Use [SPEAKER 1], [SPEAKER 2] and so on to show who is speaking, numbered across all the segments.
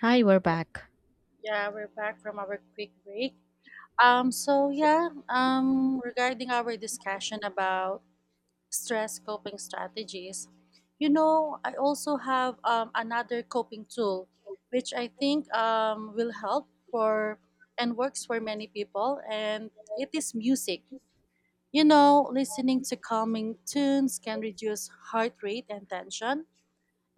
[SPEAKER 1] Hi, we're back.
[SPEAKER 2] Yeah, we're back from our quick break. Regarding our discussion about stress coping strategies, you know, I also have another coping tool, which I think will help for and works for many people, and it is music. You know, listening to calming tunes can reduce heart rate and tension,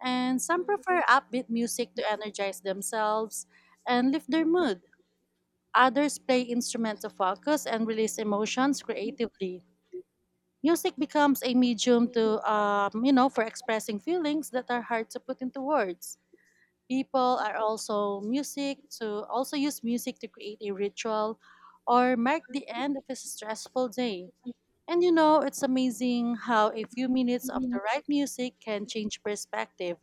[SPEAKER 2] and some prefer upbeat music to energize themselves and lift their mood. Others play instruments to focus and release emotions creatively. Music becomes a medium for expressing feelings that are hard to put into words. People are also music to also use music to create a ritual or mark the end of a stressful day. It's amazing how a few minutes of the right music can change perspective.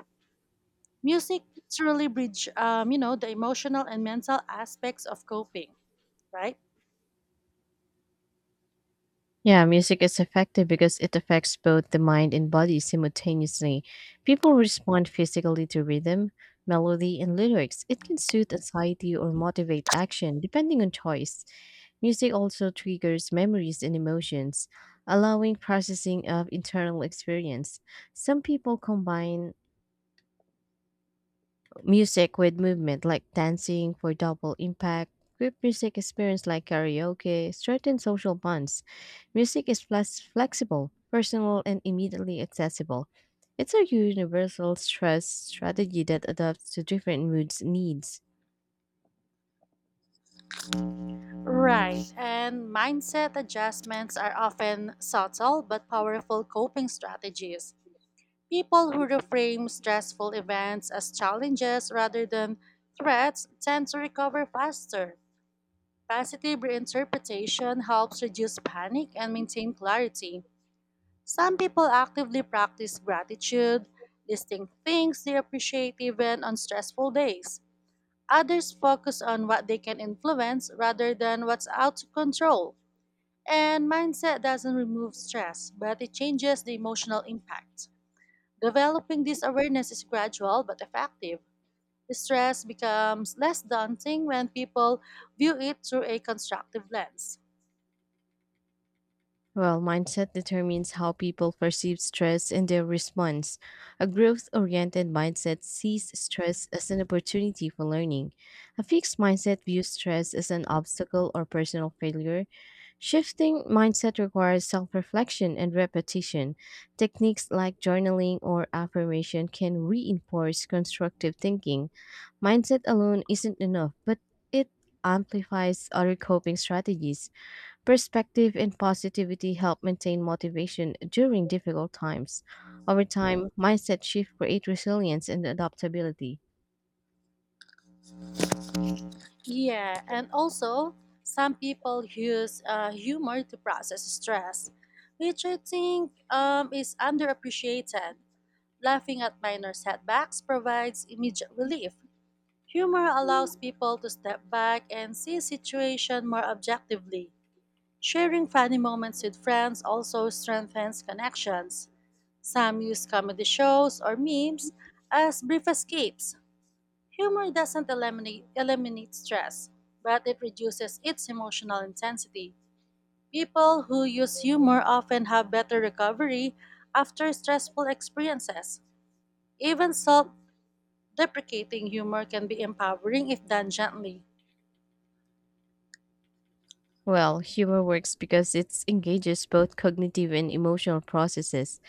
[SPEAKER 2] Music truly bridge the emotional and mental aspects of coping, right?
[SPEAKER 1] Yeah, music is effective because it affects both the mind and body simultaneously. People respond physically to rhythm, melody, and lyrics. It can soothe anxiety or motivate action, depending on choice. Music also triggers memories and emotions, allowing processing of internal experience. Some people combine music with movement like dancing for double impact. Group music experience like karaoke strengthen social bonds. Music is flexible, personal, and immediately accessible. It's a universal stress strategy that adapts to different moods and needs.
[SPEAKER 2] Right, and mindset adjustments are often subtle but powerful coping strategies. People who reframe stressful events as challenges rather than threats tend to recover faster. Positive reinterpretation helps reduce panic and maintain clarity. Some people actively practice gratitude, listing things they appreciate even on stressful days. Others focus on what they can influence rather than what's out of control. And mindset doesn't remove stress, but it changes the emotional impact. Developing this awareness is gradual but effective. Stress becomes less daunting when people view it through a constructive lens.
[SPEAKER 1] Well, mindset determines how people perceive stress and their response. A growth oriented mindset sees stress as an opportunity for learning. A fixed mindset views stress as an obstacle or personal failure. Shifting mindset requires self reflection and repetition. Techniques like journaling or affirmation can reinforce constructive thinking. Mindset alone isn't enough, but it amplifies other coping strategies. Perspective and positivity help maintain motivation during difficult times. Over time, mindset shifts create resilience and adaptability.
[SPEAKER 2] Yeah, and also, some people use humor to process stress, which I think is underappreciated. Laughing at minor setbacks provides immediate relief. Humor allows people to step back and see situation more objectively. Sharing funny moments with friends also strengthens connections. Some use comedy shows or memes as brief escapes. Humor doesn't eliminate stress, but it reduces its emotional intensity. People who use humor often have better recovery after stressful experiences. Even self deprecating humor can be empowering if done gently.
[SPEAKER 1] Well, humor works because it engages both cognitive and emotional processes.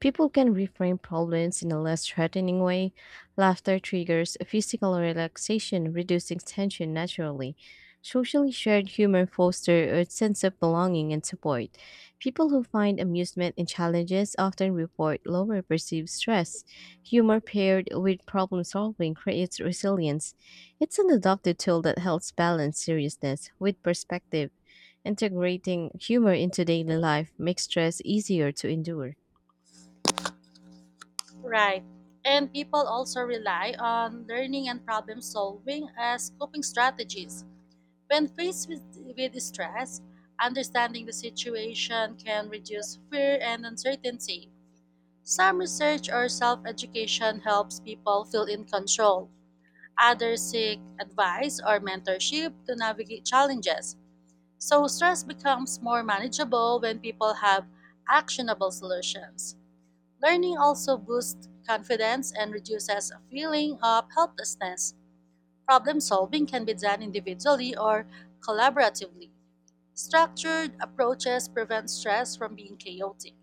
[SPEAKER 1] People can reframe problems in a less threatening way. Laughter triggers physical relaxation, reducing tension naturally. Socially shared humor fosters a sense of belonging and support. People who find amusement in challenges often report lower perceived stress. Humor paired with problem solving creates resilience. It's an adopted tool that helps balance seriousness with perspective. Integrating humor into daily life makes stress easier to endure.
[SPEAKER 2] Right. And people also rely on learning and problem solving as coping strategies. When faced with stress, understanding the situation can reduce fear and uncertainty. Some research or self education helps people feel in control. Others seek advice or mentorship to navigate challenges. So, stress becomes more manageable when people have actionable solutions. Learning also boosts confidence and reduces a feeling of helplessness. Problem solving can be done individually or collaboratively. Structured approaches prevent stress from being chaotic.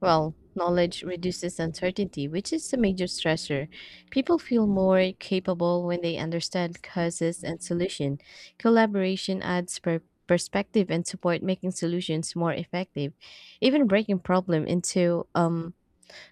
[SPEAKER 1] Well, knowledge reduces uncertainty, which is a major stressor. People feel more capable when they understand causes and solution. Collaboration adds perspective and support, making solutions more effective. Even breaking problem into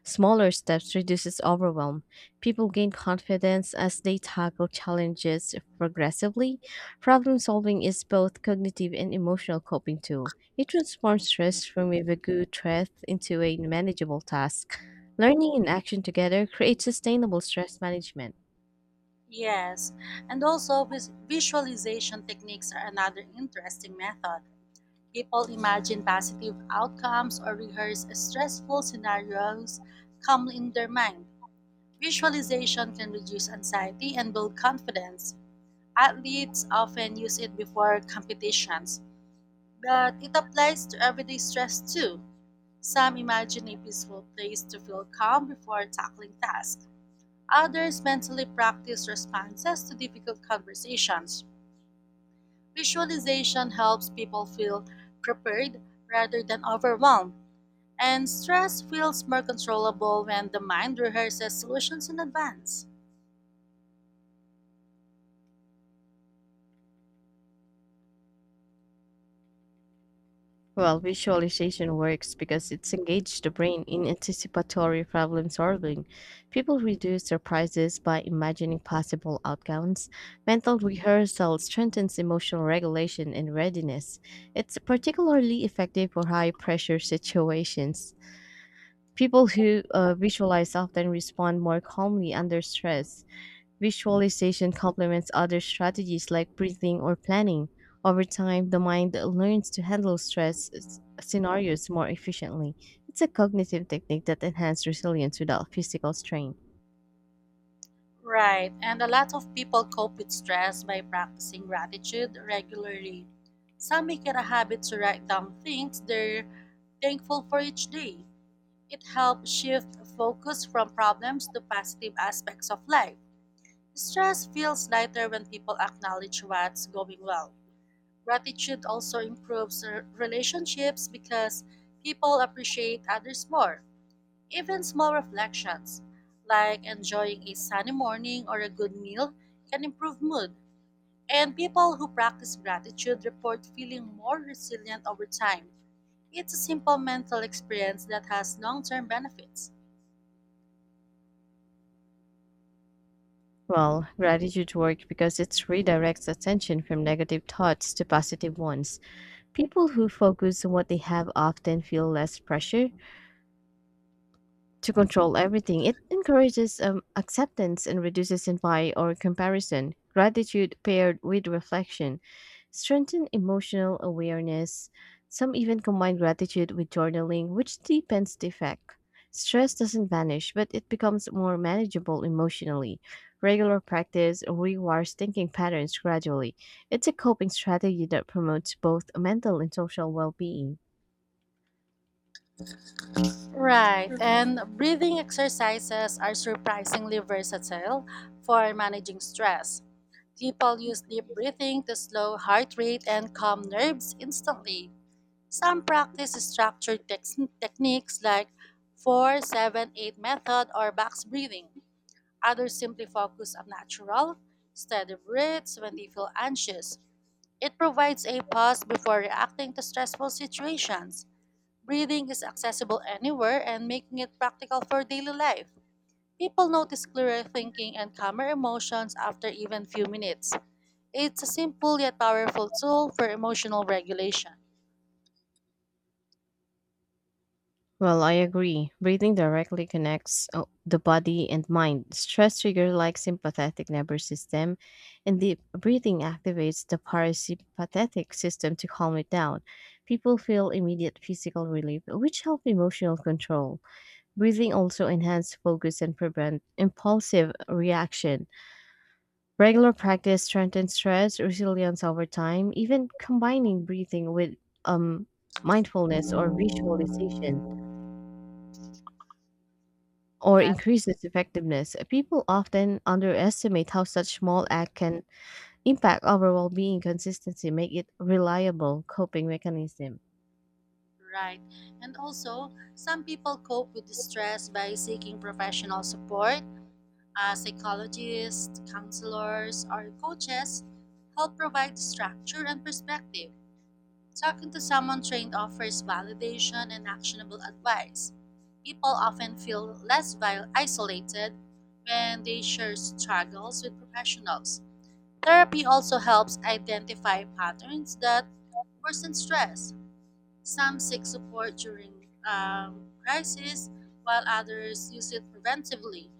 [SPEAKER 1] smaller steps reduces overwhelm. People gain confidence as they tackle challenges progressively. Problem solving is both cognitive and emotional coping tool. It transforms stress from a vague threat into a manageable task. Learning and action together create sustainable stress management.
[SPEAKER 2] Yes, and also visualization techniques are another interesting method. People imagine positive outcomes or rehearse stressful scenarios calmly in their mind. Visualization can reduce anxiety and build confidence. Athletes often use it before competitions, but it applies to everyday stress too. Some imagine a peaceful place to feel calm before tackling tasks. Others mentally practice responses to difficult conversations. Visualization helps people feel prepared rather than overwhelmed, and stress feels more controllable when the mind rehearses solutions in advance.
[SPEAKER 1] Well, visualization works because it's engaged the brain in anticipatory problem solving. People reduce surprises by imagining possible outcomes. Mental rehearsal strengthens emotional regulation and readiness. It's particularly effective for high pressure situations. People who visualize often respond more calmly under stress. Visualization complements other strategies like breathing or planning. Over time, the mind learns to handle scenarios more efficiently. It's a cognitive technique that enhances resilience without physical strain.
[SPEAKER 2] Right. And a lot of people cope with stress by practicing gratitude regularly. Some make it a habit to write down things they're thankful for each day. It helps shift focus from problems to positive aspects of life. Stress feels lighter when people acknowledge what's going well. Gratitude also improves relationships because people appreciate others more. Even small reflections, like enjoying a sunny morning or a good meal, can improve mood. And people who practice gratitude report feeling more resilient over time. It's a simple mental experience that has long term benefits.
[SPEAKER 1] Well, gratitude works because it redirects attention from negative thoughts to positive ones. People who focus on what they have often feel less pressure to control everything. It encourages acceptance and reduces envy or comparison. Gratitude paired with reflection strengthen emotional awareness. Some even combine gratitude with journaling, which deepens the effect. Stress doesn't vanish, but it becomes more manageable emotionally. Regular practice rewires thinking patterns gradually. It's a coping strategy that promotes both mental and social well being.
[SPEAKER 2] Right, and breathing exercises are surprisingly versatile for managing stress. People use deep breathing to slow heart rate and calm nerves instantly. Some practice structured techniques like 478 method or box breathing. Others simply focus on natural, steady breaths when they feel anxious. It provides a pause before reacting to stressful situations. Breathing is accessible anywhere and making it practical for daily life. People notice clearer thinking and calmer emotions after even few minutes. It's a simple yet powerful tool for emotional regulation.
[SPEAKER 1] Well, I agree. Breathing directly connects the body and mind. Stress trigger like sympathetic nervous system, and the breathing activates the parasympathetic system to calm it down. People feel immediate physical relief, which help emotional control. Breathing also enhances focus and prevent impulsive reaction. Regular practice strengthens stress resilience over time, even combining breathing with um mindfulness or visualization or
[SPEAKER 2] That's
[SPEAKER 1] increase its effectiveness. People often underestimate how such small act can impact overall well-being consistency, make it reliable coping mechanism.
[SPEAKER 2] right. And also, some people cope with the stress by seeking professional support. Psychologists, counselors, or coaches help provide structure and perspective. Talking to someone trained offers validation and actionable advice. People often feel less isolated when they share struggles with professionals. Therapy also helps identify patterns that worsen stress. Some seek support during crisis, while others use it preventively.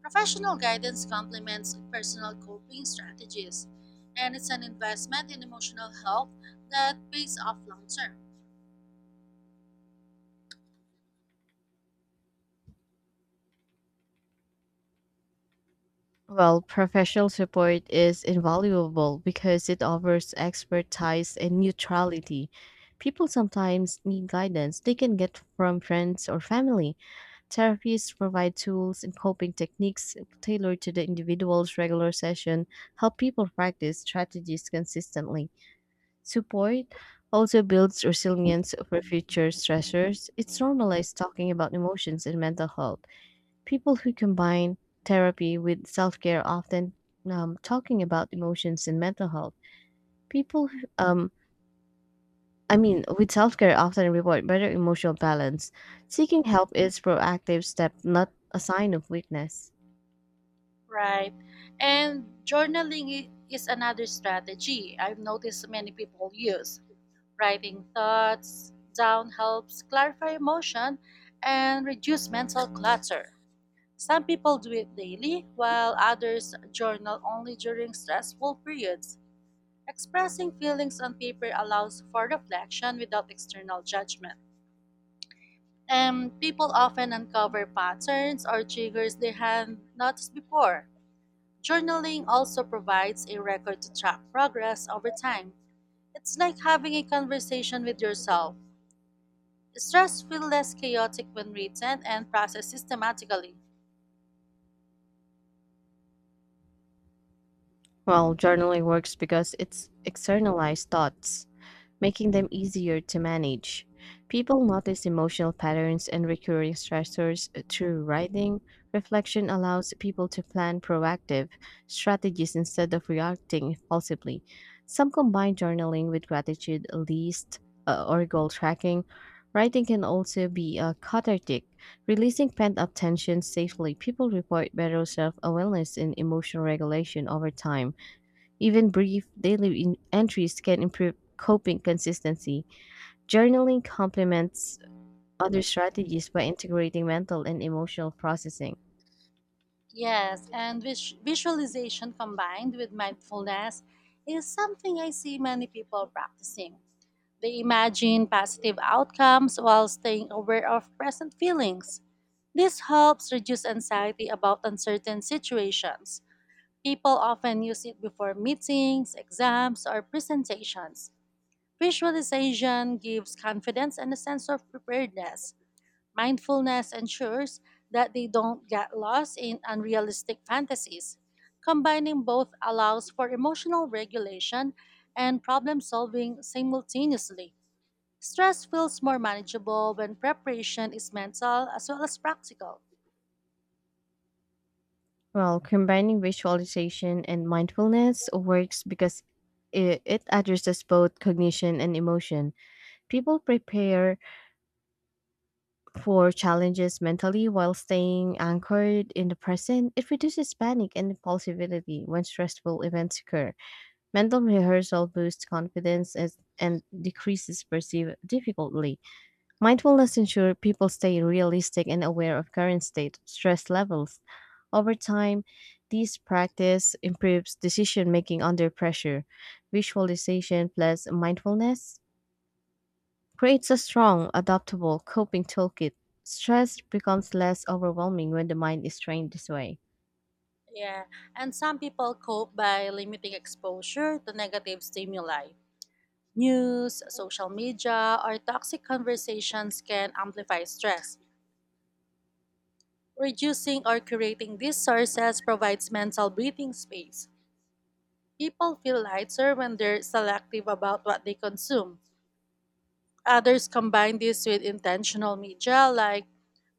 [SPEAKER 2] Professional guidance complements personal coping strategies, and it's an investment in emotional health that pays off long term.
[SPEAKER 1] Well, professional support is invaluable because it offers expertise and neutrality. People sometimes need guidance they can get from friends or family. Therapists provide tools and coping techniques tailored to the individual's regular session, help people practice strategies consistently. Support also builds resilience for future stressors. It's normalized talking about emotions and mental health. People who combine therapy with self care often talking about emotions and mental health. People, with self care often report better emotional balance. Seeking help is proactive step, not a sign of weakness.
[SPEAKER 2] Right. And journaling is another strategy I've noticed many people use. Writing thoughts down helps clarify emotion and reduce mental clutter. Some people do it daily, while others journal only during stressful periods. Expressing feelings on paper allows for reflection without external judgment. And people often uncover patterns or triggers they had noticed before. Journaling also provides a record to track progress over time. It's like having a conversation with yourself. Stress feels less chaotic when written and processed systematically.
[SPEAKER 1] While journaling works because it's externalized thoughts, making them easier to manage. People notice emotional patterns and recurring stressors through writing. Reflection allows people to plan proactive strategies instead of reacting impulsively. Some combine journaling with gratitude list or goal tracking. Writing can also be cathartic, releasing pent up tension safely. People report better self awareness and emotional regulation over time. Even brief daily entries can improve coping consistency. Journaling complements other strategies by integrating mental and emotional processing.
[SPEAKER 2] Yes, and visualization combined with mindfulness is something I see many people practicing. They imagine positive outcomes while staying aware of present feelings. This helps reduce anxiety about uncertain situations. People often use it before meetings, exams, or presentations. Visualization gives confidence and a sense of preparedness. Mindfulness ensures that they don't get lost in unrealistic fantasies. Combining both allows for emotional regulation and problem solving simultaneously. Stress feels more manageable when preparation is mental as well as practical.
[SPEAKER 1] Well, combining visualization and mindfulness works because it addresses both cognition and emotion. People prepare for challenges mentally while staying anchored in the present. It reduces panic and impulsivity when stressful events occur. Mental rehearsal boosts confidence as, and decreases perceived difficulty. Mindfulness ensures people stay realistic and aware of current state stress levels. Over time, this practice improves decision making under pressure. Visualization plus mindfulness creates a strong, adaptable coping toolkit. Stress becomes less overwhelming when the mind is trained this way.
[SPEAKER 2] Yeah, and some people cope by limiting exposure to negative stimuli. News, social media, or toxic conversations can amplify stress. Reducing or curating these sources provides mental breathing space. People feel lighter when they're selective about what they consume. Others combine this with intentional media like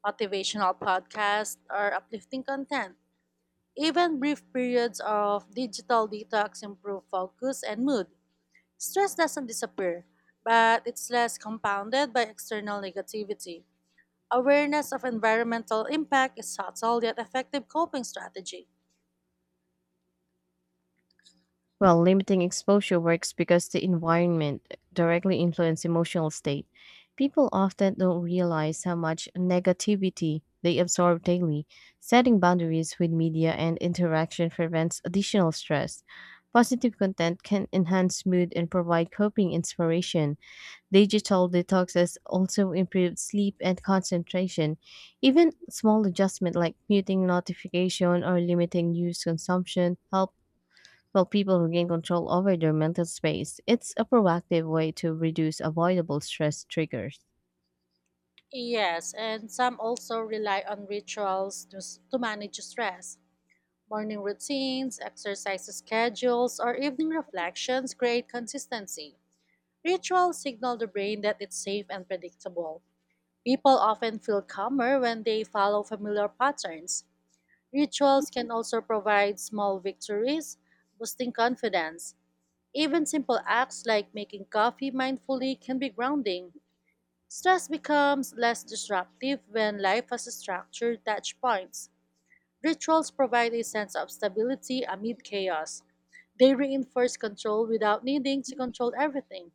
[SPEAKER 2] motivational podcasts or uplifting content. Even brief periods of digital detox improve focus and mood. Stress doesn't disappear, but it's less compounded by external negativity. Awareness of environmental impact is subtle yet effective coping strategy.
[SPEAKER 1] Well, limiting exposure works because the environment directly influences emotional state. People often don't realize how much negativity they absorb daily. Setting boundaries with media and interaction prevents additional stress. Positive content can enhance mood and provide coping inspiration. Digital detoxes also improve sleep and concentration. Even small adjustments like muting notification or limiting news consumption help while people who gain control over their mental space, it's a proactive way to reduce avoidable stress triggers.
[SPEAKER 2] Yes, and some also rely on rituals to manage stress. Morning routines, exercise schedules, or evening reflections create consistency. Rituals signal the brain that it's safe and predictable. People often feel calmer when they follow familiar patterns. Rituals can also provide small victories, boosting confidence. Even simple acts like making coffee mindfully can be grounding. Stress becomes less disruptive when life has structured touch points. Rituals provide a sense of stability amid chaos. They reinforce control without needing to control everything.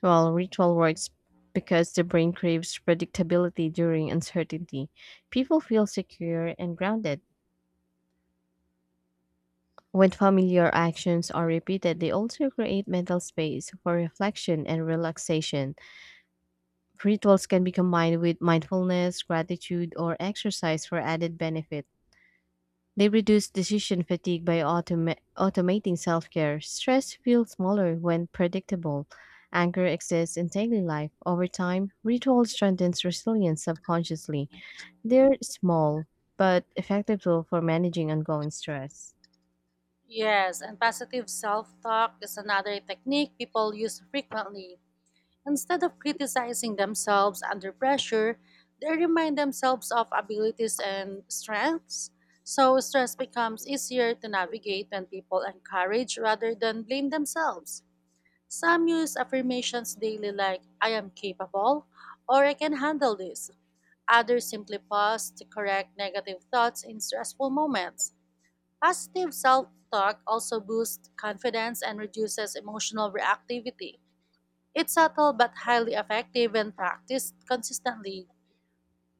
[SPEAKER 1] While ritual works because the brain craves predictability during uncertainty, people feel secure and grounded. When familiar actions are repeated, they also create mental space for reflection and relaxation. Rituals can be combined with mindfulness, gratitude, or exercise for added benefit. They reduce decision fatigue by automating self care. Stress feels smaller when predictable. Anger exists in daily life. Over time, ritual strengthens resilience subconsciously. They're small, but effective tool for managing ongoing stress.
[SPEAKER 2] Yes, and positive self talk is another technique people use frequently. Instead of criticizing themselves under pressure, they remind themselves of abilities and strengths. So stress becomes easier to navigate when people encourage rather than blame themselves. Some use affirmations daily like, I am capable, or I can handle this. Others simply pause to correct negative thoughts in stressful moments. Positive self talk also boosts confidence and reduces emotional reactivity. It's subtle but highly effective when practiced consistently.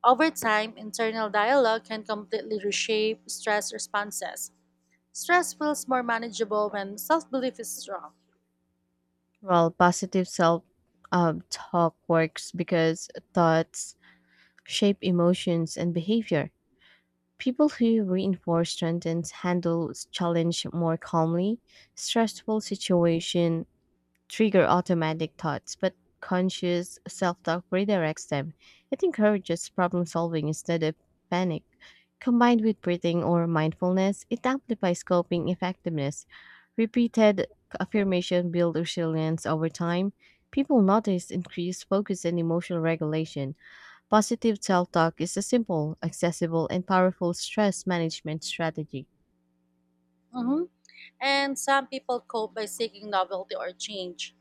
[SPEAKER 2] Over time, internal dialogue can completely reshape stress responses. Stress feels more manageable when self belief is strong.
[SPEAKER 1] Well, positive self talk works because thoughts shape emotions and behavior. People who reinforce strengths handle challenge more calmly stressful situation trigger automatic thoughts, but conscious self talk redirects them. It encourages problem solving instead of panic. Combined with breathing or mindfulness, it amplifies coping effectiveness. Repeated affirmation builds resilience over time. People notice increased focus and emotional regulation. Positive self talk is a simple, accessible, and powerful stress management strategy.
[SPEAKER 2] Mhm. And some people cope by seeking novelty or change.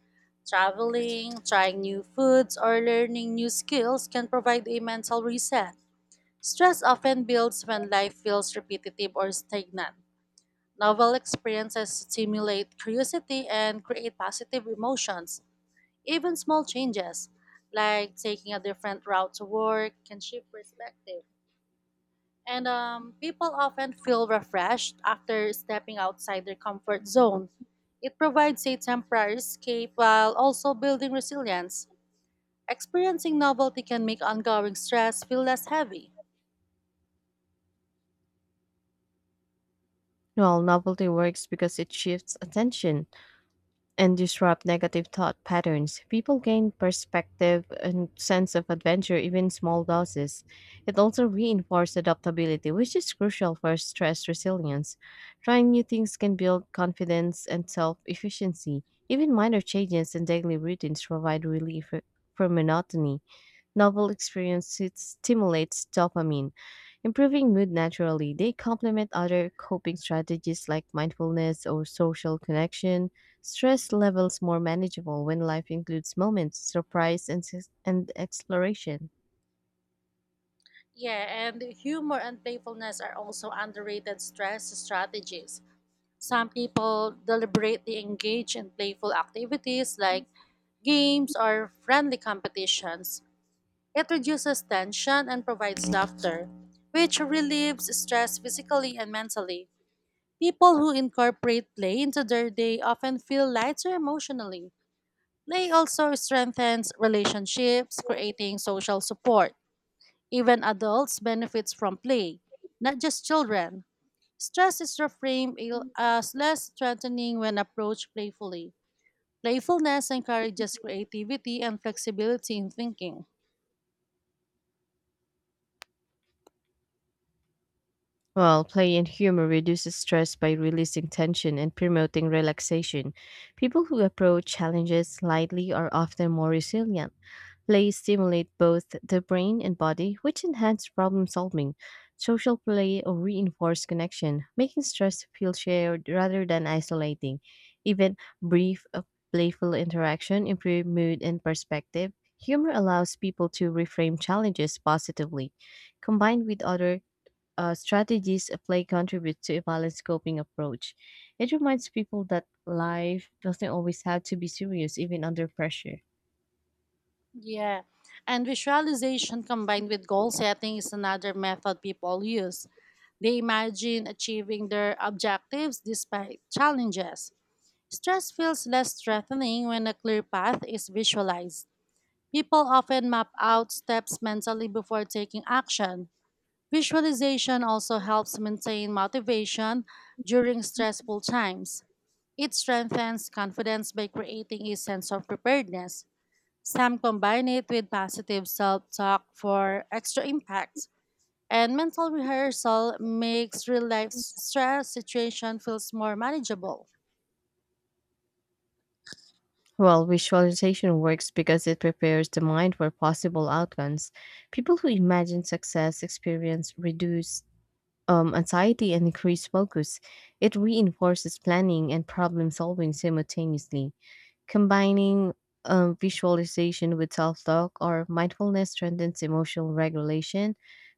[SPEAKER 2] Traveling, trying new foods, or learning new skills can provide a mental reset. Stress often builds when life feels repetitive or stagnant. Novel experiences stimulate curiosity and create positive emotions. Even small changes, like taking a different route to work, can shift perspective. And People often feel refreshed after stepping outside their comfort zone. It provides a temporary escape while also building resilience. Experiencing novelty can make ongoing stress feel less heavy.
[SPEAKER 1] While novelty works because it shifts attention and disrupt negative thought patterns. People gain perspective and sense of adventure even small doses. It also reinforces adaptability, which is crucial for stress resilience. Trying new things can build confidence and self-efficiency. Even minor changes in daily routines provide relief from monotony. Novel experiences stimulates dopamine improving mood naturally, they complement other coping strategies like mindfulness or social connection. Stress levels more manageable when life includes moments, surprise, and exploration.
[SPEAKER 2] Yeah, and humor and playfulness are also underrated stress strategies. Some people deliberately engage in playful activities like games or friendly competitions. It reduces tension and provides laughter, which relieves stress physically and mentally. People who incorporate play into their day often feel lighter emotionally. Play also strengthens relationships, creating social support. Even adults benefits from play, not just children. Stress is reframed as less threatening when approached playfully. Playfulness encourages creativity and flexibility in thinking.
[SPEAKER 1] While play and humor reduces stress by releasing tension and promoting relaxation. People who approach challenges lightly are often more resilient. Play stimulate both the brain and body, which enhance problem solving. Social play or reinforce connection, making stress feel shared rather than isolating. Even brief, playful interaction improve mood and perspective. Humor allows people to reframe challenges positively. Combined with other strategies, play contributes to a balanced coping approach. It reminds people that life doesn't always have to be serious, even under pressure.
[SPEAKER 2] Yeah. And visualization combined with goal setting is another method people use. They imagine achieving their objectives despite challenges. Stress feels less threatening when a clear path is visualized. People often map out steps mentally before taking action. Visualization also helps maintain motivation during stressful times. It strengthens confidence by creating a sense of preparedness. Some combine it with positive self talk for extra impact. And mental rehearsal makes real life stress situation feels more manageable.
[SPEAKER 1] Well, visualization works because it prepares the mind for possible outcomes. People who imagine success experience reduce anxiety and increase focus. It reinforces planning and problem solving simultaneously. Combining visualization with self talk or mindfulness strengthens emotional regulation.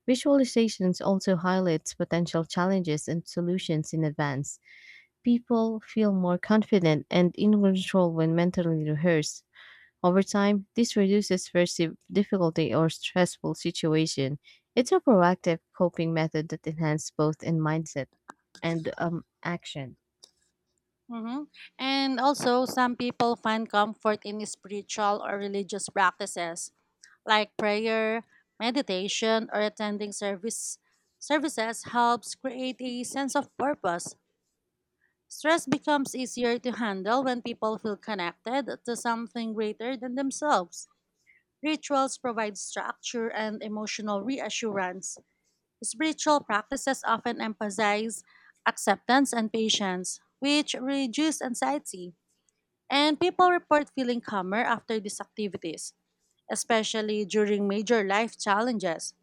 [SPEAKER 1] Visualizations also highlights potential challenges and solutions in advance. People feel more confident and in control when mentally rehearsed. Over time, this reduces perceived difficulty or stressful situation. It's a proactive coping method that enhances both in mindset and action.
[SPEAKER 2] Mhm. And also, some people find comfort in spiritual or religious practices like prayer, meditation, or attending service services helps create a sense of purpose. Stress becomes easier to handle when people feel connected to something greater than themselves. Rituals provide structure and emotional reassurance. Spiritual practices often emphasize acceptance and patience, which reduce anxiety, and people report feeling calmer after these activities especially during major life challenges.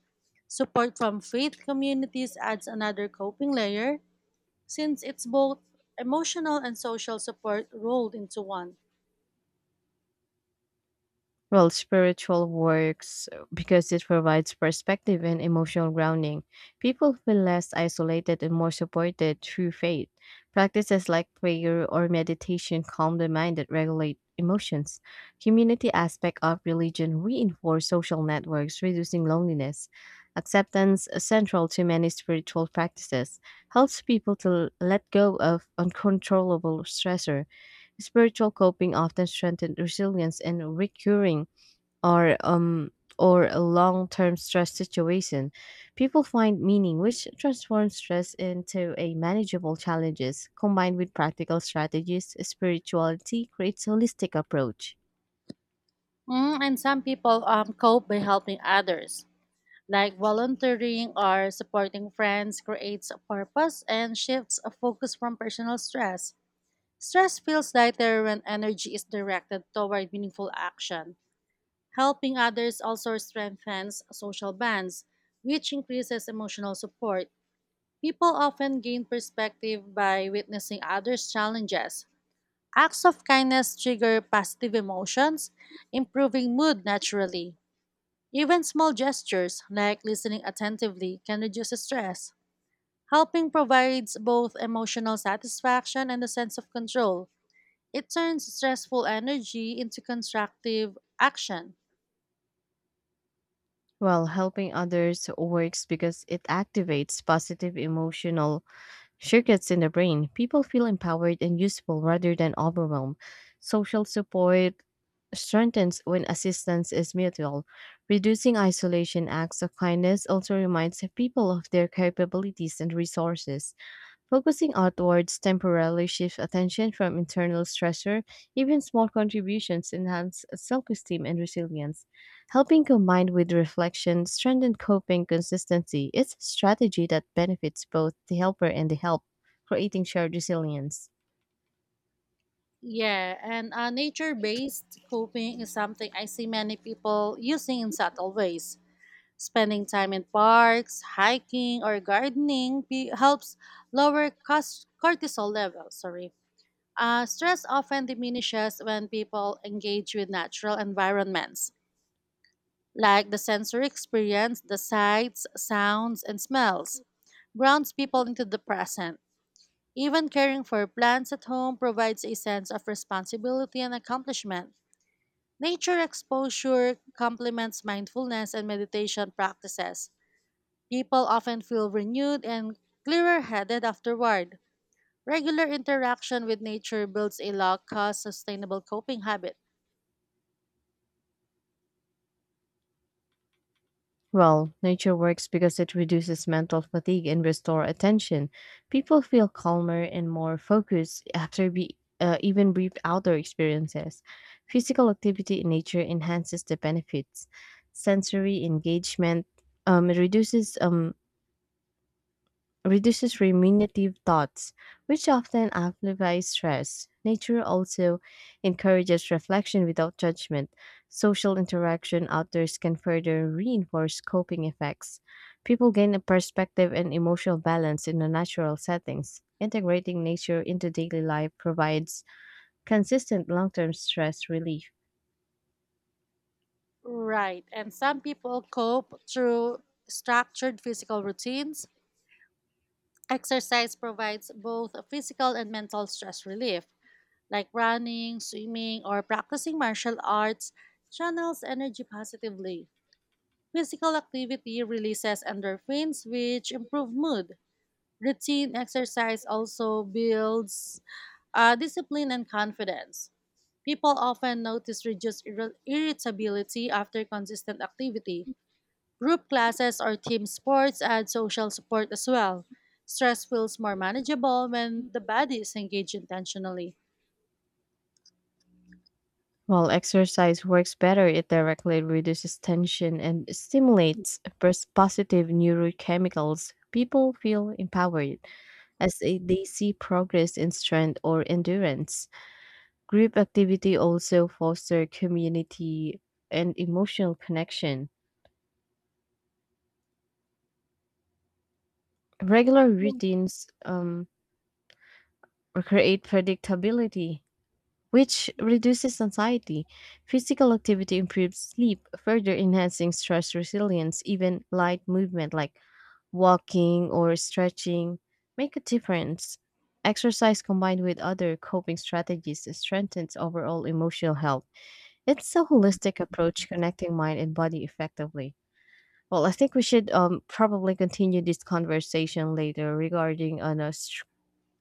[SPEAKER 2] Support from faith communities adds another coping layer since it's both emotional and social support rolled into one.
[SPEAKER 1] Well, spiritual works because it provides perspective and emotional grounding. People feel less isolated and more supported through faith. Practices like prayer or meditation calm the mind and regulate emotions. Community aspect of religion reinforce social networks, reducing loneliness. Acceptance, central to many spiritual practices, helps people to let go of uncontrollable stressor. Spiritual coping often strengthens resilience and recurring or um or a long-term stress situation people find meaning which transforms stress into a manageable challenges combined with practical strategies spirituality creates holistic approach
[SPEAKER 2] Mm, and some people cope by helping others, like volunteering or supporting friends creates a purpose and shifts a focus from personal stress. Stress feels lighter when energy is directed toward meaningful action. Helping others also strengthens social bonds, which increases emotional support. People often gain perspective by witnessing others' challenges. Acts of kindness trigger positive emotions, improving mood naturally. Even small gestures, like listening attentively, can reduce stress. Helping provides both emotional satisfaction and a sense of control. It turns stressful energy into constructive action.
[SPEAKER 1] well helping others works because it activates positive emotional circuits in the brain, people feel empowered and useful rather than overwhelmed. Social support strengthens when assistance is mutual. Reducing isolation acts of kindness also reminds people of their capabilities and resources. Focusing outwards temporarily shifts attention from internal stressor. Even small contributions enhance self esteem and resilience. Helping combined with reflection strengthen coping consistency. It's a strategy that benefits both the helper and the help, creating shared resilience.
[SPEAKER 2] Yeah, and nature based coping is something I see many people using in subtle ways. Spending time in parks, hiking, or gardening helps lower cortisol levels. Sorry. Stress often diminishes when people engage with natural environments, like the sensory experience, the sights, sounds, and smells. Grounds people into the present. Even caring for plants at home provides a sense of responsibility and accomplishment. Nature exposure complements mindfulness and meditation practices. People often feel renewed and clearer headed afterward. Regular interaction with nature builds a low cost, sustainable coping habit.
[SPEAKER 1] Well, nature works because it reduces mental fatigue and restore attention. People feel calmer and more focused after even brief outdoor experiences. Physical activity in nature enhances the benefits. Sensory engagement um, reduces um, reduces ruminative thoughts, which often amplifies stress. Nature also encourages reflection without judgment. Social interaction outdoors can further reinforce coping effects. People gain a perspective and emotional balance in the natural settings. Integrating nature into daily life provides consistent long term stress relief.
[SPEAKER 2] Right, and some people cope through structured physical routines. Exercise provides both physical and mental stress relief, like running, swimming, or practicing martial arts, channels energy positively. Physical activity releases endorphins, which improve mood. Routine exercise also builds discipline and confidence. People often notice reduced irritability after consistent activity. Group classes or team sports add social support as well. Stress feels more manageable when the body is engaged intentionally.
[SPEAKER 1] While exercise works better, it directly reduces tension and stimulates positive neurochemicals. People feel empowered as they see progress in strength or endurance. Group activity also fosters community and emotional connection. Regular routines create predictability, which reduces anxiety. Physical activity improves sleep, further enhancing stress resilience. Even light movement like walking or stretching make a difference. Exercise combined with other coping strategies strengthens overall emotional health. It's a holistic approach connecting mind and body effectively. Well, I think we should probably continue this conversation later regarding on a str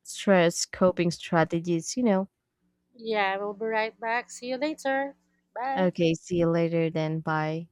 [SPEAKER 1] stress coping strategies, you know.
[SPEAKER 2] Yeah, we'll be right back. See you later. Bye.
[SPEAKER 1] Okay, see you later then. Bye.